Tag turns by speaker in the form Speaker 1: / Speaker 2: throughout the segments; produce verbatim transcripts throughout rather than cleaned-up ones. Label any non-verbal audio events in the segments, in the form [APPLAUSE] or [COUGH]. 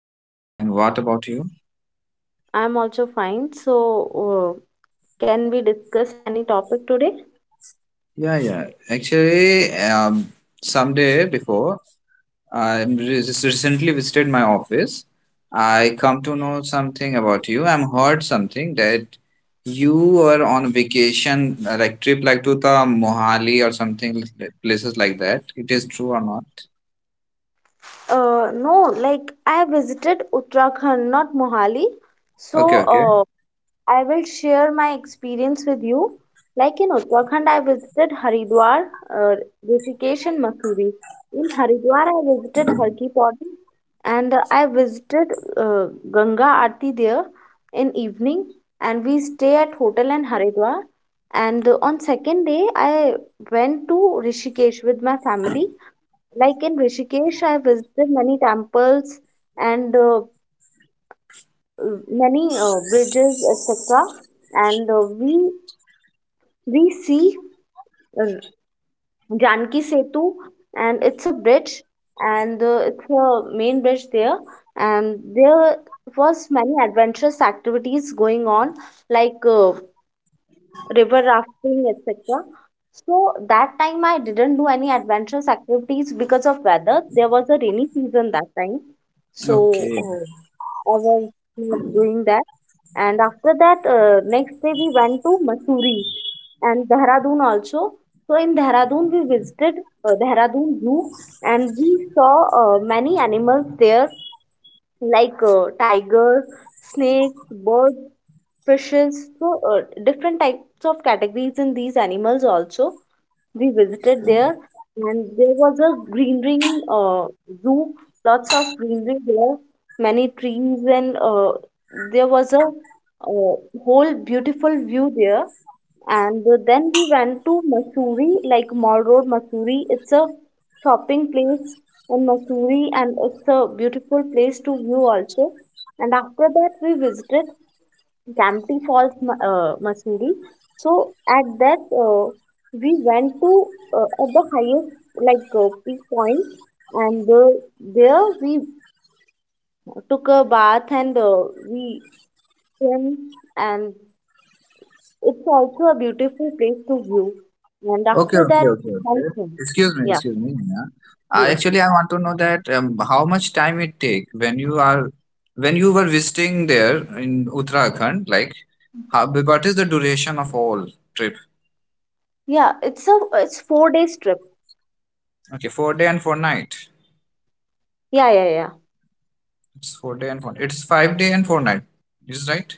Speaker 1: I'm fine. What about you?
Speaker 2: I'm also fine. So, uh, can we discuss any topic today?
Speaker 1: Yeah, yeah. Actually, um, someday before, I just recently visited my office. I come to know something about you. I'm heard something that you were on vacation, uh, like trip like to the Mohali or something like, places like that. It is true or not?
Speaker 2: Uh, no, like I visited Uttarakhand, not Mohali. So,
Speaker 1: Okay, okay.
Speaker 2: uh, I will share my experience with you. Like in Uttarakhand, I visited Haridwar, uh, Rishikesh, and Mussoorie. In Haridwar, I visited Harki Poti and uh, I visited uh, Ganga Aarti there in evening, and we stay at hotel in Haridwar. And uh, On second day, I went to Rishikesh with my family. Like in Rishikesh, I visited many temples and uh, many uh, bridges, et cetera. And uh, we we see uh, Janki Setu, and it's a bridge, and uh, it's a main bridge there. And there was many adventurous activities going on, like uh, river rafting, et cetera. So that time I didn't do any adventurous activities because of weather. There was a rainy season that time, so
Speaker 1: Okay.
Speaker 2: uh, I was not doing that. And after that, uh, next day we went to Mussoorie and Dehradun also. So in Dehradun we visited uh, Dehradun Zoo, and we saw uh, many animals there like uh, tigers, snakes, birds, fishes. So uh, different types of categories in these animals also we visited there, and there was a greenery uh, zoo, lots of greenery there, many trees, and uh, there was a uh, whole beautiful view there. And then we went to Missouri, like Mall Road Missouri. It's a shopping place in Missouri, and it's a beautiful place to view also. And after that we visited Campty Falls, Ma- uh, Mussoorie. So at that, uh, we went to uh, at the highest like uh, peak point, and uh, there we took a bath, and uh, we swim, and it's also a beautiful place to view. And
Speaker 1: Okay,
Speaker 2: after that,
Speaker 1: okay, okay,
Speaker 2: we went
Speaker 1: okay.
Speaker 2: home.
Speaker 1: Excuse me,
Speaker 2: Yeah,
Speaker 1: excuse me, Neha. I
Speaker 2: yes,
Speaker 1: actually I want to know that um, how much time it take when you are when you were visiting there in Uttarakhand, like how, what is the duration of all trip?
Speaker 2: yeah. It's a it's four days trip.
Speaker 1: Okay, four day and four night.
Speaker 2: Yeah, yeah, yeah.
Speaker 1: It's four day and four. It's five day and four night. Is right?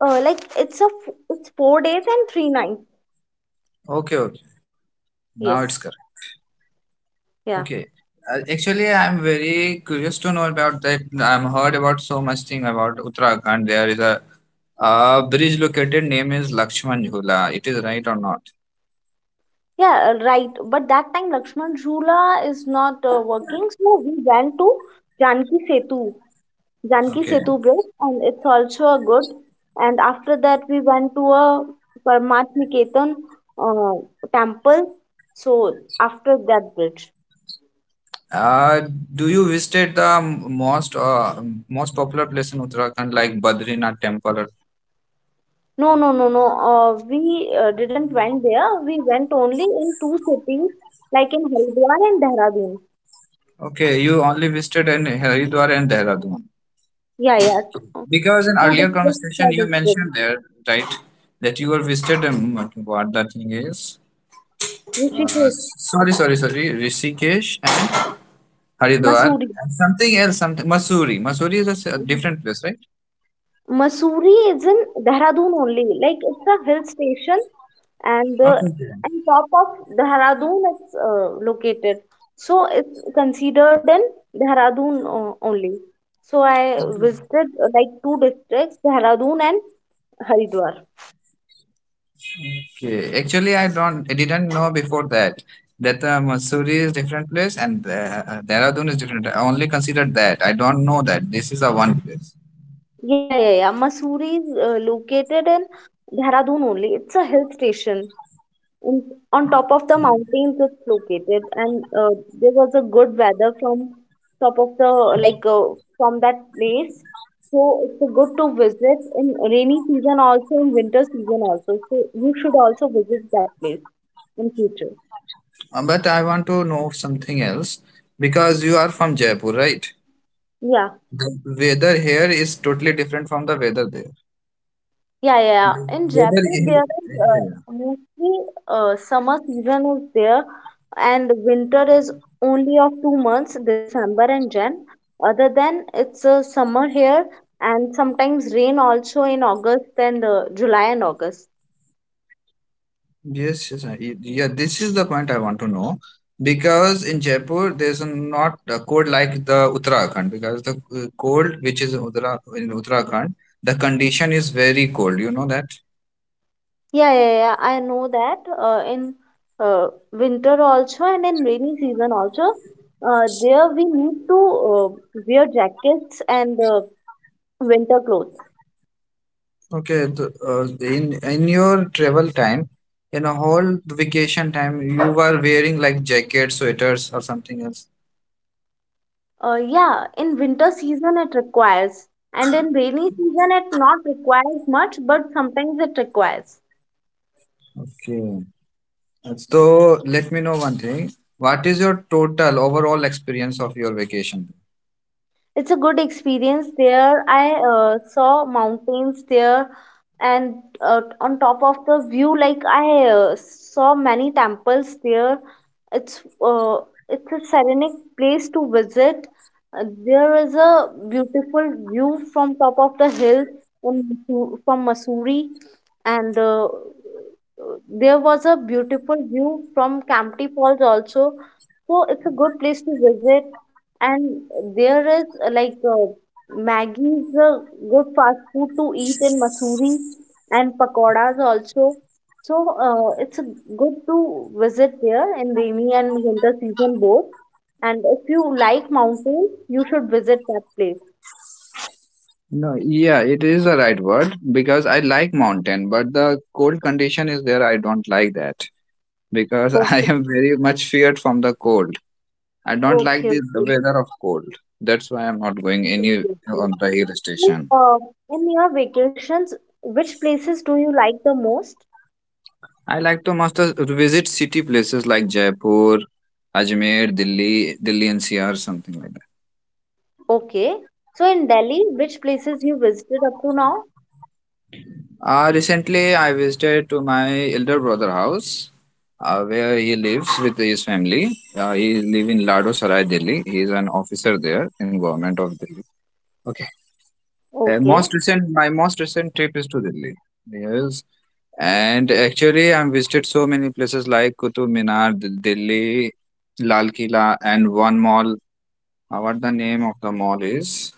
Speaker 2: Uh, like it's a f- it's four days and three nights.
Speaker 1: Okay, okay. Now it's
Speaker 2: Yes,
Speaker 1: correct.
Speaker 2: yeah.
Speaker 1: Okay. Uh, actually, I'm very curious to know about that. I'm heard about so much thing about Uttarakhand. There is a uh, bridge located name is Lakshman Jhula. It is right or not?
Speaker 2: Yeah, uh, right. But that time Lakshman Jhula is not uh, working, so we went to Janki Setu, Janki
Speaker 1: Okay.
Speaker 2: Setu bridge, and it's also a good. And after that, we went to a Parmat Niketan uh, temple. So after that bridge,
Speaker 1: Uh, do you visited the m- most uh, most popular place in Uttarakhand like Badrinath Temple?
Speaker 2: no, no, no, no. Uh, we uh, didn't went there. We went only in two cities, like in Haldwar and Dehradun.
Speaker 1: Okay, you only visited in Haridwar and Dehradun.
Speaker 2: Yeah, yeah, two,
Speaker 1: Because in
Speaker 2: two
Speaker 1: earlier
Speaker 2: districts,
Speaker 1: conversation you
Speaker 2: district,
Speaker 1: mentioned there, right, that you were visited. Um, what the thing is? Uh,
Speaker 2: Rishikesh,
Speaker 1: sorry, sorry, sorry. Rishikesh and Haridwar
Speaker 2: Mussoorie.
Speaker 1: and something else. Something Missouri. Missouri is a s- a different place, right?
Speaker 2: Mussoorie is in Dehradun only. Like it's a hill station, and the
Speaker 1: Okay. Okay.
Speaker 2: and top of Dehradun it's uh, located. So it's considered in Dehradun uh, only. So I
Speaker 1: Okay.
Speaker 2: visited uh, like two districts, Dehradun and Haridwar.
Speaker 1: Okay. Actually, I don't. I didn't know before that that uh, Missouri is different place and uh, uh, Dehradun is different. I only considered that. I don't know that this is a one place.
Speaker 2: Yeah, yeah, yeah. Mussoorie is uh, located in Dehradun only. It's a hill station, in, on top of the mountains it's located, and uh, there was a good weather from top of the like uh, from that place. So it's a good to visit in rainy season also, in winter season also, so you should also visit that place in future.
Speaker 1: Uh, but I want to know something else because you are from Jaipur, right?
Speaker 2: Yeah.
Speaker 1: The weather here is totally different from the weather there.
Speaker 2: Yeah, yeah.
Speaker 1: The
Speaker 2: Yeah. In
Speaker 1: weather
Speaker 2: Jaipur,
Speaker 1: in-
Speaker 2: there is uh,
Speaker 1: yeah, yeah.
Speaker 2: mostly uh, summer season is there, and winter is only of two months, December and Jan. Other than it's a summer here, and sometimes rain also in August and uh, July and August.
Speaker 1: Yes, yes, I- y- yeah. This is the point I want to know because in Jaipur there's a not a cold like the Uttarakhand because the uh, cold which is in Uttara in Uttarakhand the condition is very cold. You know that?
Speaker 2: Yeah, yeah, yeah. I know that uh, in uh, winter also and in rainy season also. Uh, there we need to uh, wear jackets and uh, winter clothes.
Speaker 1: Okay. The, uh, in in your travel time, in a whole vacation time, you were wearing like jackets, sweaters, or something else.
Speaker 2: Uh, yeah, in winter season it requires, and in rainy season it not requires much, but sometimes it requires.
Speaker 1: Okay. So let me know one thing. What is your total overall experience of your vacation?
Speaker 2: It's a good experience there. I uh, saw mountains there, and uh, on top of the view, like i uh, saw many temples there. It's uh, it's a serenic place to visit. Uh, there is a beautiful view from top of the hill, in, Missu- from Missouri, and uh, there was a beautiful view from Campty Falls also. So it's a good place to visit, and there is uh, like uh, Maggi is a good fast food to eat in Mussoorie, and pakoras also. So uh, it's a good to visit there in rainy and winter season both. And if you like mountains, you should visit that place.
Speaker 1: No, yeah, it is the right word because I like mountain, but the cold condition is there. I don't like that because [LAUGHS] I
Speaker 2: Okay,
Speaker 1: am very much feared from the cold. I don't like
Speaker 2: okay,
Speaker 1: the the
Speaker 2: okay.
Speaker 1: weather of cold. That's why I'm not going any
Speaker 2: Okay,
Speaker 1: on
Speaker 2: okay.
Speaker 1: the hill station.
Speaker 2: Uh, in your vacations, which places do you like the most?
Speaker 1: I like to most of- to visit city places like Jaipur, Ajmer, Delhi, Delhi N C R, something like.
Speaker 2: Okay. So in Delhi, which places you visited up to now?
Speaker 1: Uh, recently, I visited to my elder brother house, uh, where he lives with his family. Uh, he live in Lado Sarai, Delhi. He is an officer there in government of Delhi. Okay. Uh,
Speaker 2: Okay,
Speaker 1: most recent, my most recent trip is to Delhi. Yes, and actually, I've visited so many places like Qutub Minar, D- Delhi, Lal Kila, and one mall. Uh, what the name of the mall is?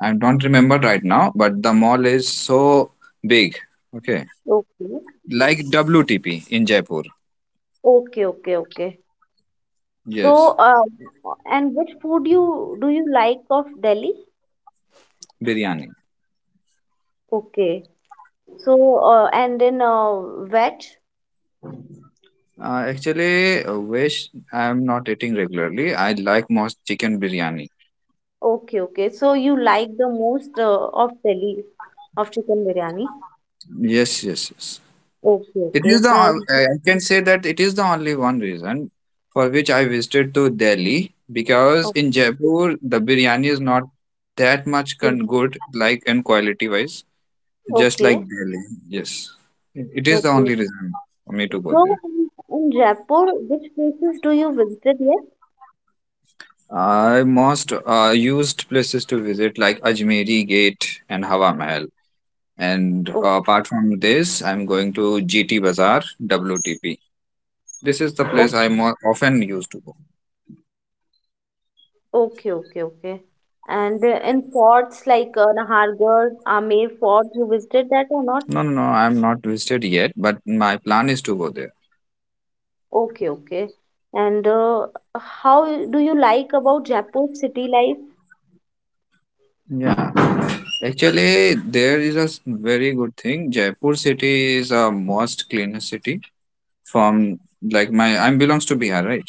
Speaker 1: I don't remember right now, but the mall is so big. Okay,
Speaker 2: okay.
Speaker 1: like W T P in Jaipur.
Speaker 2: Okay, okay, okay. So,
Speaker 1: Yes,
Speaker 2: uh, and which food you do you like of Delhi?
Speaker 1: biryani.
Speaker 2: Okay. So, uh, and in uh, veg?
Speaker 1: Uh, actually, uh, which I am not eating regularly. I like most chicken biryani.
Speaker 2: Okay, okay. So you like the most uh, of Delhi of chicken biryani?
Speaker 1: Yes, yes, yes.
Speaker 2: Okay,
Speaker 1: It
Speaker 2: okay.
Speaker 1: is the
Speaker 2: And
Speaker 1: uh, I I can say that it is the only one reason for which I visited to Delhi because in Jaipur the biryani is not that much
Speaker 2: okay,
Speaker 1: con- good like in quality wise, just like
Speaker 2: okay,
Speaker 1: Delhi. Yes, it it is the
Speaker 2: okay.
Speaker 1: only reason for me to go
Speaker 2: So
Speaker 1: there.
Speaker 2: in in Jaipur, which places do you visit yet?
Speaker 1: I most uh, used places to visit like Ajmeri Gate and Hawa Mahal. And
Speaker 2: O-
Speaker 1: uh, apart from this, I'm going to G T Bazaar, W T P. This is the
Speaker 2: o-
Speaker 1: place I more often used to go.
Speaker 2: Okay, okay, okay. And uh, in forts like uh, Nahargarh, Amer Fort, you visited that or not?
Speaker 1: No, no, no, I'm not visited yet, but my plan is to go there.
Speaker 2: Okay, okay. And uh, how do you like about Jaipur city life?
Speaker 1: Yeah. Actually, there is a s- very good thing. Jaipur city is a most cleanest city from like my I'm belongs to Bihar, right?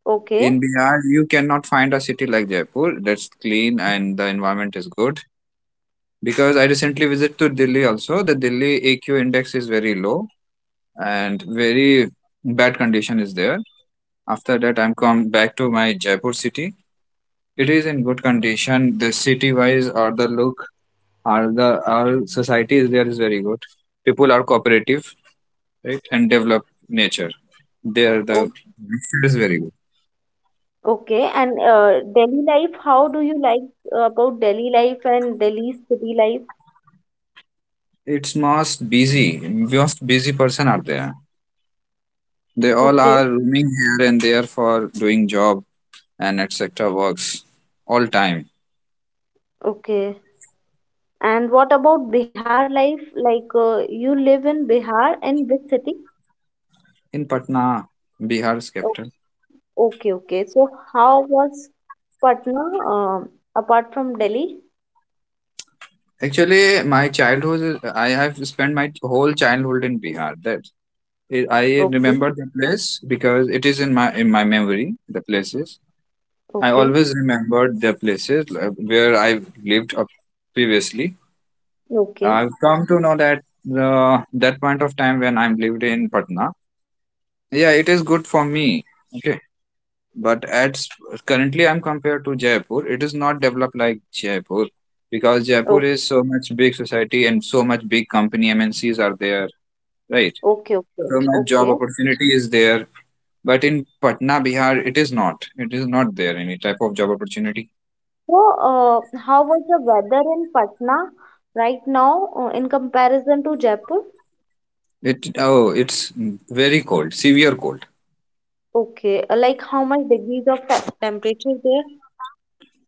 Speaker 2: Okay.
Speaker 1: In Bihar, you cannot find a city like Jaipur that's clean and the environment is good. Because I recently visited to Delhi also. The Delhi A Q index is very low and very bad condition is there. After that, I'm come back to my Jaipur city. It is in good condition. The city wise or the look or the our society is there is very good. People are cooperative, right, and develop nature. There the
Speaker 2: O-
Speaker 1: nature is very good.
Speaker 2: okay. And uh, Delhi life, how do you like uh, about Delhi life and Delhi city life?
Speaker 1: It's most busy, most busy person are there. They all
Speaker 2: Okay.
Speaker 1: are roaming here and there for doing job and et cetera works all time.
Speaker 2: Okay. And what about Bihar life? Like uh, you live in Bihar in which city?
Speaker 1: In Patna, Bihar's
Speaker 2: O-
Speaker 1: capital.
Speaker 2: okay, okay. So how was Patna, um, apart from Delhi?
Speaker 1: Actually, my childhood, is- I have spent my whole childhood in Bihar. That I I
Speaker 2: Okay.
Speaker 1: remember the place because it is in my in my memory. The places I
Speaker 2: Okay.
Speaker 1: always remembered the places like, where I lived up previously.
Speaker 2: Okay.
Speaker 1: I've come to know that the that point of time when I'm lived in Patna, yeah, it is good for me. Okay, but at s- currently I'm compared to Jaipur. It is not developed like Jaipur because
Speaker 2: o-
Speaker 1: Jaipur is so much big society and so much big company M N Cs are there, right?
Speaker 2: Okay. Okay.
Speaker 1: So much job
Speaker 2: Okay.
Speaker 1: opportunity is there. But in Patna, Bihar, it is not. It is not there any type of job opportunity.
Speaker 2: So, uh, how was the weather in Patna right now uh, in comparison to Jaipur?
Speaker 1: It oh, it's very cold, severe cold.
Speaker 2: Okay, uh, like how much degrees of te- temperature there?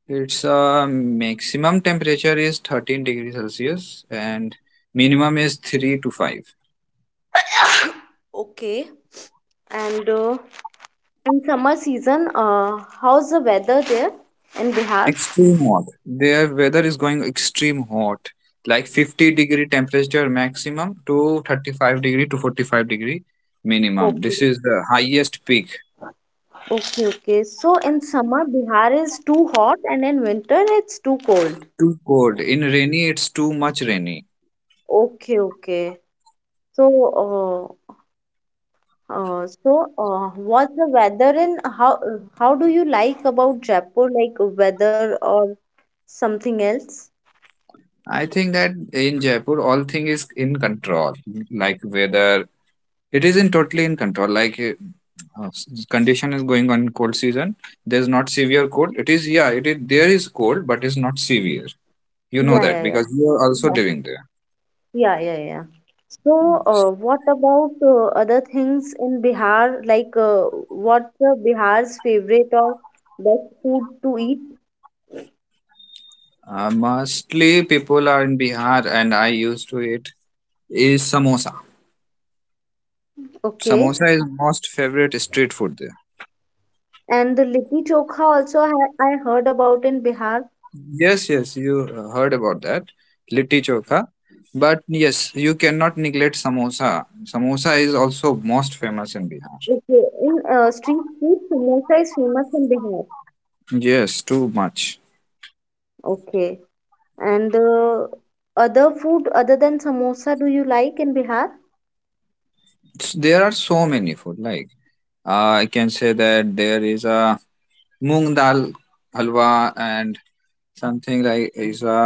Speaker 1: Its uh, maximum temperature is thirteen degrees Celsius and minimum is three to five.
Speaker 2: Okay, and uh, in summer season, uh, how's the weather there in Bihar?
Speaker 1: Extreme hot. Their weather is going extreme hot, like fifty degree temperature maximum to thirty-five degree to forty-five degree minimum. This
Speaker 2: Okay,
Speaker 1: is the highest peak.
Speaker 2: okay, okay. So in summer, Bihar is too hot, and in winter, it's too cold.
Speaker 1: Too cold. In rainy, it's too much rainy.
Speaker 2: Okay, okay. So, Uh, so, uh, what's the weather and how how do you like about Jaipur, like weather or something else?
Speaker 1: I think that in Jaipur, all thing is in control, like weather, it isn't totally in control, like uh, uh, condition is going on in cold season. There's not severe cold, it is, yeah, it is, there is cold, but it's not severe. You know
Speaker 2: Yeah,
Speaker 1: that
Speaker 2: yeah, yeah,
Speaker 1: because you are also
Speaker 2: yeah,
Speaker 1: living there.
Speaker 2: yeah, yeah, yeah. So, uh, what about uh, other things in Bihar? Like, uh, what's uh, Bihar's favorite or best food to eat?
Speaker 1: Uh, mostly people are in Bihar, and I used to eat is samosa.
Speaker 2: Okay,
Speaker 1: Samosa is most favorite street food there.
Speaker 2: and the litti chokha also I, I heard about in Bihar.
Speaker 1: Yes, yes, you uh, heard about that litti chokha, but yes, you cannot neglect samosa. Samosa is also most famous in Bihar.
Speaker 2: Okay, in uh, street food, samosa is famous in Bihar.
Speaker 1: Yes, too much.
Speaker 2: Okay. And uh, other food other than samosa do you like in Bihar?
Speaker 1: S- there are so many food like, uh, I can say that there is a moong dal halwa, and something like is a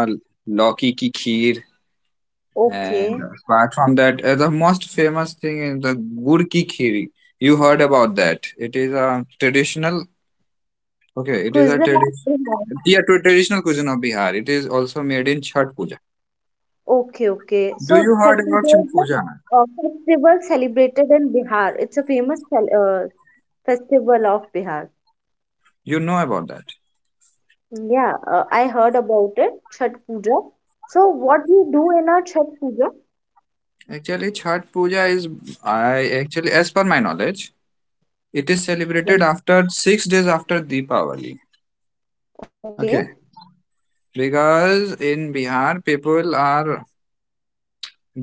Speaker 1: loki ki kheer, and
Speaker 2: Okay.
Speaker 1: apart from that, uh, the most famous thing is the gur ki khiri. You heard about that? It is a traditional. Okay, it is a
Speaker 2: Cuisine of Bihar.
Speaker 1: tradition, yeah, to traditional cuisine of Bihar. It is also made in Chhat Puja.
Speaker 2: Okay, okay.
Speaker 1: Do
Speaker 2: So
Speaker 1: you heard
Speaker 2: Chhat
Speaker 1: about
Speaker 2: Puja
Speaker 1: Chhat
Speaker 2: is
Speaker 1: Puja?
Speaker 2: a uh, festival celebrated in Bihar. It's a famous fel- uh, festival of Bihar.
Speaker 1: You know about that?
Speaker 2: Yeah, uh, I heard about it, Chhat Puja. So what you do in our Chhat Puja?
Speaker 1: Actually, Chhat Puja is, I actually, as per my knowledge, it is
Speaker 2: Yeah.
Speaker 1: celebrated after six days after Deepavali.
Speaker 2: Okay,
Speaker 1: Okay, because in Bihar, people are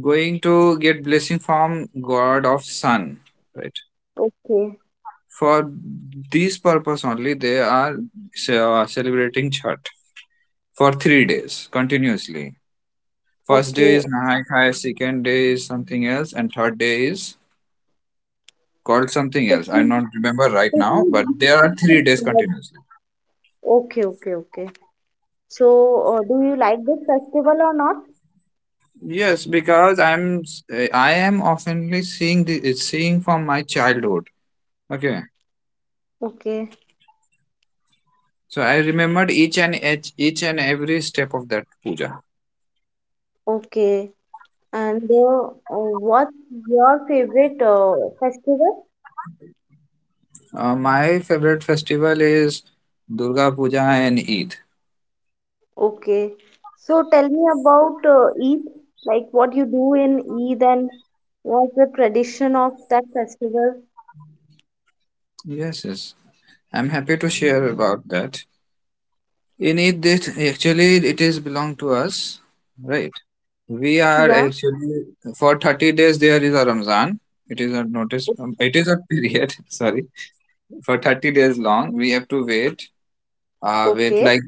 Speaker 1: going to get blessing from God of Sun, right?
Speaker 2: okay,
Speaker 1: For this purpose only, they are ce- uh, celebrating Chhat for three days continuously. First day is
Speaker 2: okay.
Speaker 1: Nahai Khai, second day is something else, and third day is called something else. I do
Speaker 2: Taking,
Speaker 1: not remember right now, but
Speaker 2: taking,
Speaker 1: there are three days continuously.
Speaker 2: [LAUGHS] okay, okay, okay. So, uh, do you like this festival or not?
Speaker 1: Yes, because I'm s- eh, I am oftenly seeing the eh, seeing from my childhood. Okay,
Speaker 2: Okay.
Speaker 1: so I remembered each and each, each and every step of that puja.
Speaker 2: Okay. And uh, uh, what's your favorite uh, festival?
Speaker 1: Uh, my favorite festival is Durga Puja and Eid.
Speaker 2: Okay. So, tell me about uh, Eid, like what you do in Eid and what's the tradition of that festival?
Speaker 1: Yes, yes. I'm happy to share about that. You need this. Actually, it is belong to us, right? We are
Speaker 2: Yeah.
Speaker 1: actually for thirty days. There is a Ramzan. It is a
Speaker 2: o-
Speaker 1: notice. um, It is a period. [LAUGHS] Sorry, for thirty days long, we have to wait. Uh, wait
Speaker 2: Okay.
Speaker 1: like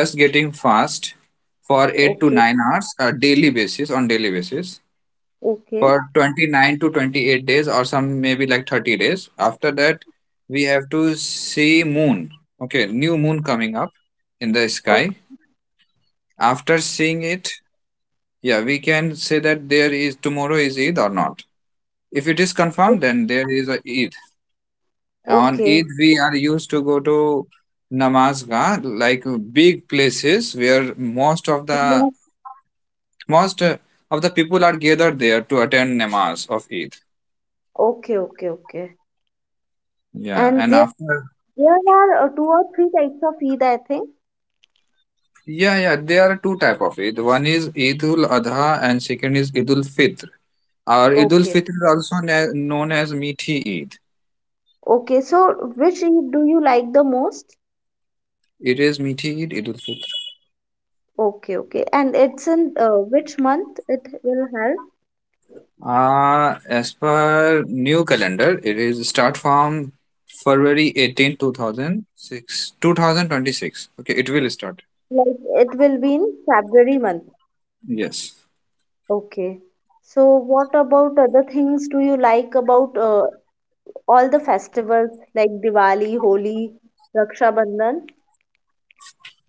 Speaker 1: just getting fast for eight to
Speaker 2: Okay,
Speaker 1: nine hours a daily basis on daily basis
Speaker 2: Okay.
Speaker 1: for twenty-nine to twenty-eight days or some maybe like thirty days after that we have to see moon. Okay, new moon coming up in the sky.
Speaker 2: Okay.
Speaker 1: After seeing it, yeah, we can say that there is tomorrow is Eid or not. If it is confirmed, then there is a Eid. On Eid,
Speaker 2: Okay.
Speaker 1: we are used to go to namazgah, like big places where most of the
Speaker 2: Yeah.
Speaker 1: most uh, of the people are gathered there to attend namaz of Eid.
Speaker 2: Okay. Okay. Okay.
Speaker 1: Yeah,
Speaker 2: And
Speaker 1: and
Speaker 2: there,
Speaker 1: after.
Speaker 2: there are uh, two or three types of Eid, I think.
Speaker 1: Yeah, yeah, there are two type of Eid. One is Eidul Adha, and second is Eidul Fitr. Or Eidul
Speaker 2: Okay.
Speaker 1: Fitr is also na- known as Meaty Eid.
Speaker 2: Okay, so which y- do you like the most?
Speaker 1: It is Meethi Eid, Eid ul Fitr.
Speaker 2: Okay, okay. And it's in uh, which month it will help?
Speaker 1: Uh, as per new calendar, it is start from February eighteenth, two thousand six, two thousand twenty-six. Okay, it will start.
Speaker 2: Like it will be in February month.
Speaker 1: Yes.
Speaker 2: Okay. So what about other things do you like about uh, all the festivals like Diwali, Holi, Raksha Bandhan?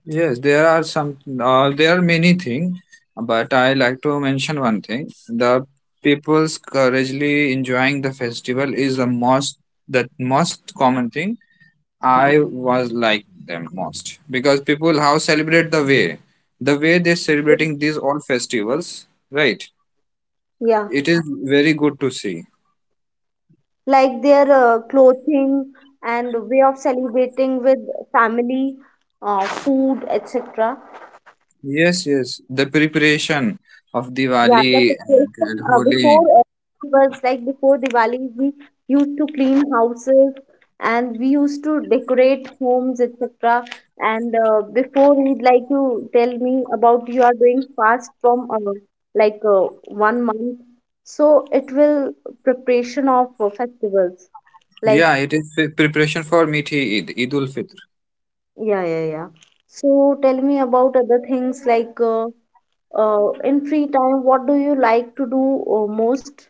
Speaker 1: Yes, there are some, uh, there are many things, but I like to mention one thing. The people's courageously enjoying the festival is the most, the most common thing. I was like them most because people how celebrate the way, the way they're celebrating these all festivals, right?
Speaker 2: Yeah,
Speaker 1: It is very good to see.
Speaker 2: like their uh, clothing and way of celebrating with family, uh, food, et cetera.
Speaker 1: Yes, yes, the preparation of
Speaker 2: Yeah, the
Speaker 1: Diwali
Speaker 2: preparation
Speaker 1: and
Speaker 2: uh, before
Speaker 1: Holi.
Speaker 2: uh, was like before Diwali, we used to clean houses and we used to decorate homes, et cetera. And uh, before we'd like to tell me about you are doing fast from uh, like uh, one month, so it will preparation of uh, festivals. Like
Speaker 1: Yeah, it is pre- preparation for Mithi Eid, Eid ul Fitr.
Speaker 2: yeah, yeah, yeah. So tell me about other things like uh, uh, in free time, what do you like to do uh, most?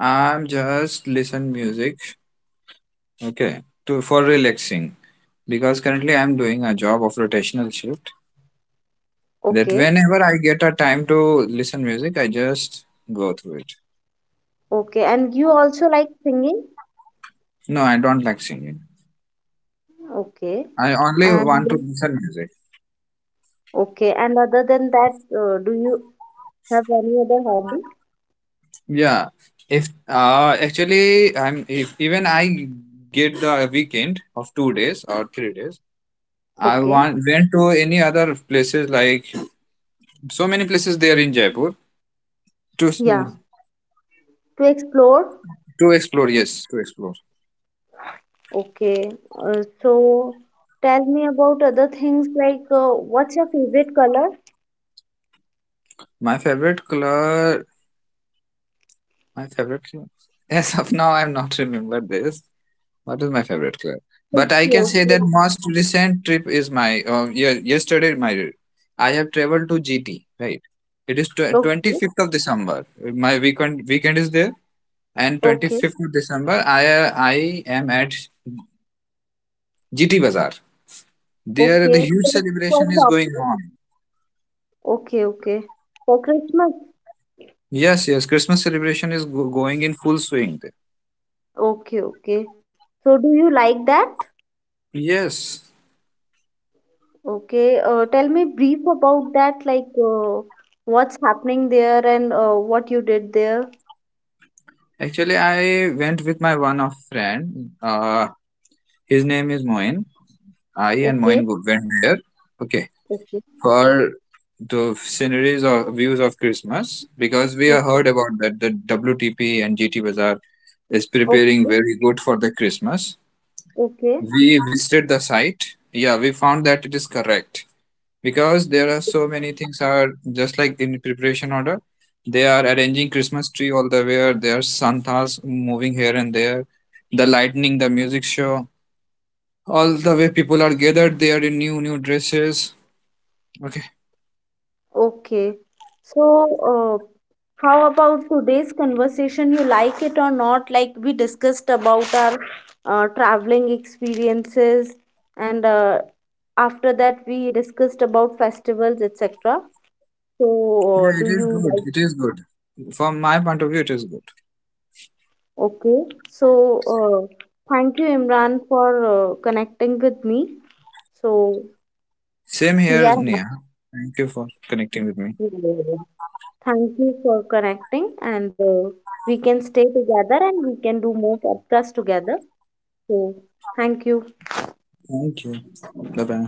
Speaker 1: I'm just listen music, okay, to for relaxing because currently I'm doing a job of rotational shift. That
Speaker 2: Okay.
Speaker 1: whenever I get a time to listen music, I just go through it.
Speaker 2: Okay, and you also like singing?
Speaker 1: No, I don't like singing.
Speaker 2: Okay,
Speaker 1: I only
Speaker 2: and
Speaker 1: want to listen music.
Speaker 2: okay, and other than that, uh, do you have any other hobby?
Speaker 1: Yeah, if uh actually, I'm, if even I get the weekend of two days or three days, I
Speaker 2: Okay,
Speaker 1: want went to any other places, like so many places there in Jaipur to s-
Speaker 2: yeah,
Speaker 1: mm,
Speaker 2: to explore.
Speaker 1: to explore. Yes, to explore.
Speaker 2: Okay, uh, so tell me about other things like uh, what's your favorite color?
Speaker 1: My favorite color, my favorite color. As of now, I'm not [LAUGHS] remember this. What is my favorite club? But
Speaker 2: Thank
Speaker 1: I can
Speaker 2: you.
Speaker 1: say that most recent trip is my uh, ye- yesterday my I have traveled to G T, right. It is twenty
Speaker 2: Okay,
Speaker 1: fifth of December. My weekend weekend is there, and twenty
Speaker 2: okay,
Speaker 1: fifth of December I uh, I am at G T Bazaar. There the
Speaker 2: okay.
Speaker 1: huge
Speaker 2: So for
Speaker 1: celebration is going
Speaker 2: shopping?
Speaker 1: on.
Speaker 2: Okay, okay. For Christmas?
Speaker 1: Yes, yes, Christmas celebration is go- going in full swing there.
Speaker 2: Okay, okay. So do you like that?
Speaker 1: Yes,
Speaker 2: Okay, uh, tell me brief about that, like uh, what's happening there and uh, what you did there.
Speaker 1: actually I went with my one of friend. Uh, his name is Moin. I and mine
Speaker 2: Okay,
Speaker 1: go- went there. Okay,
Speaker 2: okay,
Speaker 1: for the sceneries or views of Christmas because we have
Speaker 2: okay,
Speaker 1: heard about that the W T P and G T Bazaar is preparing
Speaker 2: okay,
Speaker 1: very good for the Christmas.
Speaker 2: okay,
Speaker 1: We visited the site. Yeah, we found that it is correct because there are so many things are just like in preparation order. They are arranging Christmas tree all the way. There are Santas moving here and there. The lightning, the music show all the way, people are gathered there in new new dresses. Okay.
Speaker 2: okay. So, uh, how about today's conversation? You like it or not? Like we discussed about our uh, traveling experiences, and uh, after that we discussed about festivals, et cetera. So, uh,
Speaker 1: Yeah,
Speaker 2: do
Speaker 1: it is
Speaker 2: you
Speaker 1: good.
Speaker 2: like?
Speaker 1: It is good. From my point of view, it is good.
Speaker 2: Okay, so uh, thank you, Imran, for uh, connecting with me. So
Speaker 1: Same
Speaker 2: we
Speaker 1: here,
Speaker 2: are happy.
Speaker 1: Nia. Thank you for connecting with me.
Speaker 2: Thank you for connecting, and uh, we can stay together and we can do more podcasts together. So thank you.
Speaker 1: Thank you. Bye bye.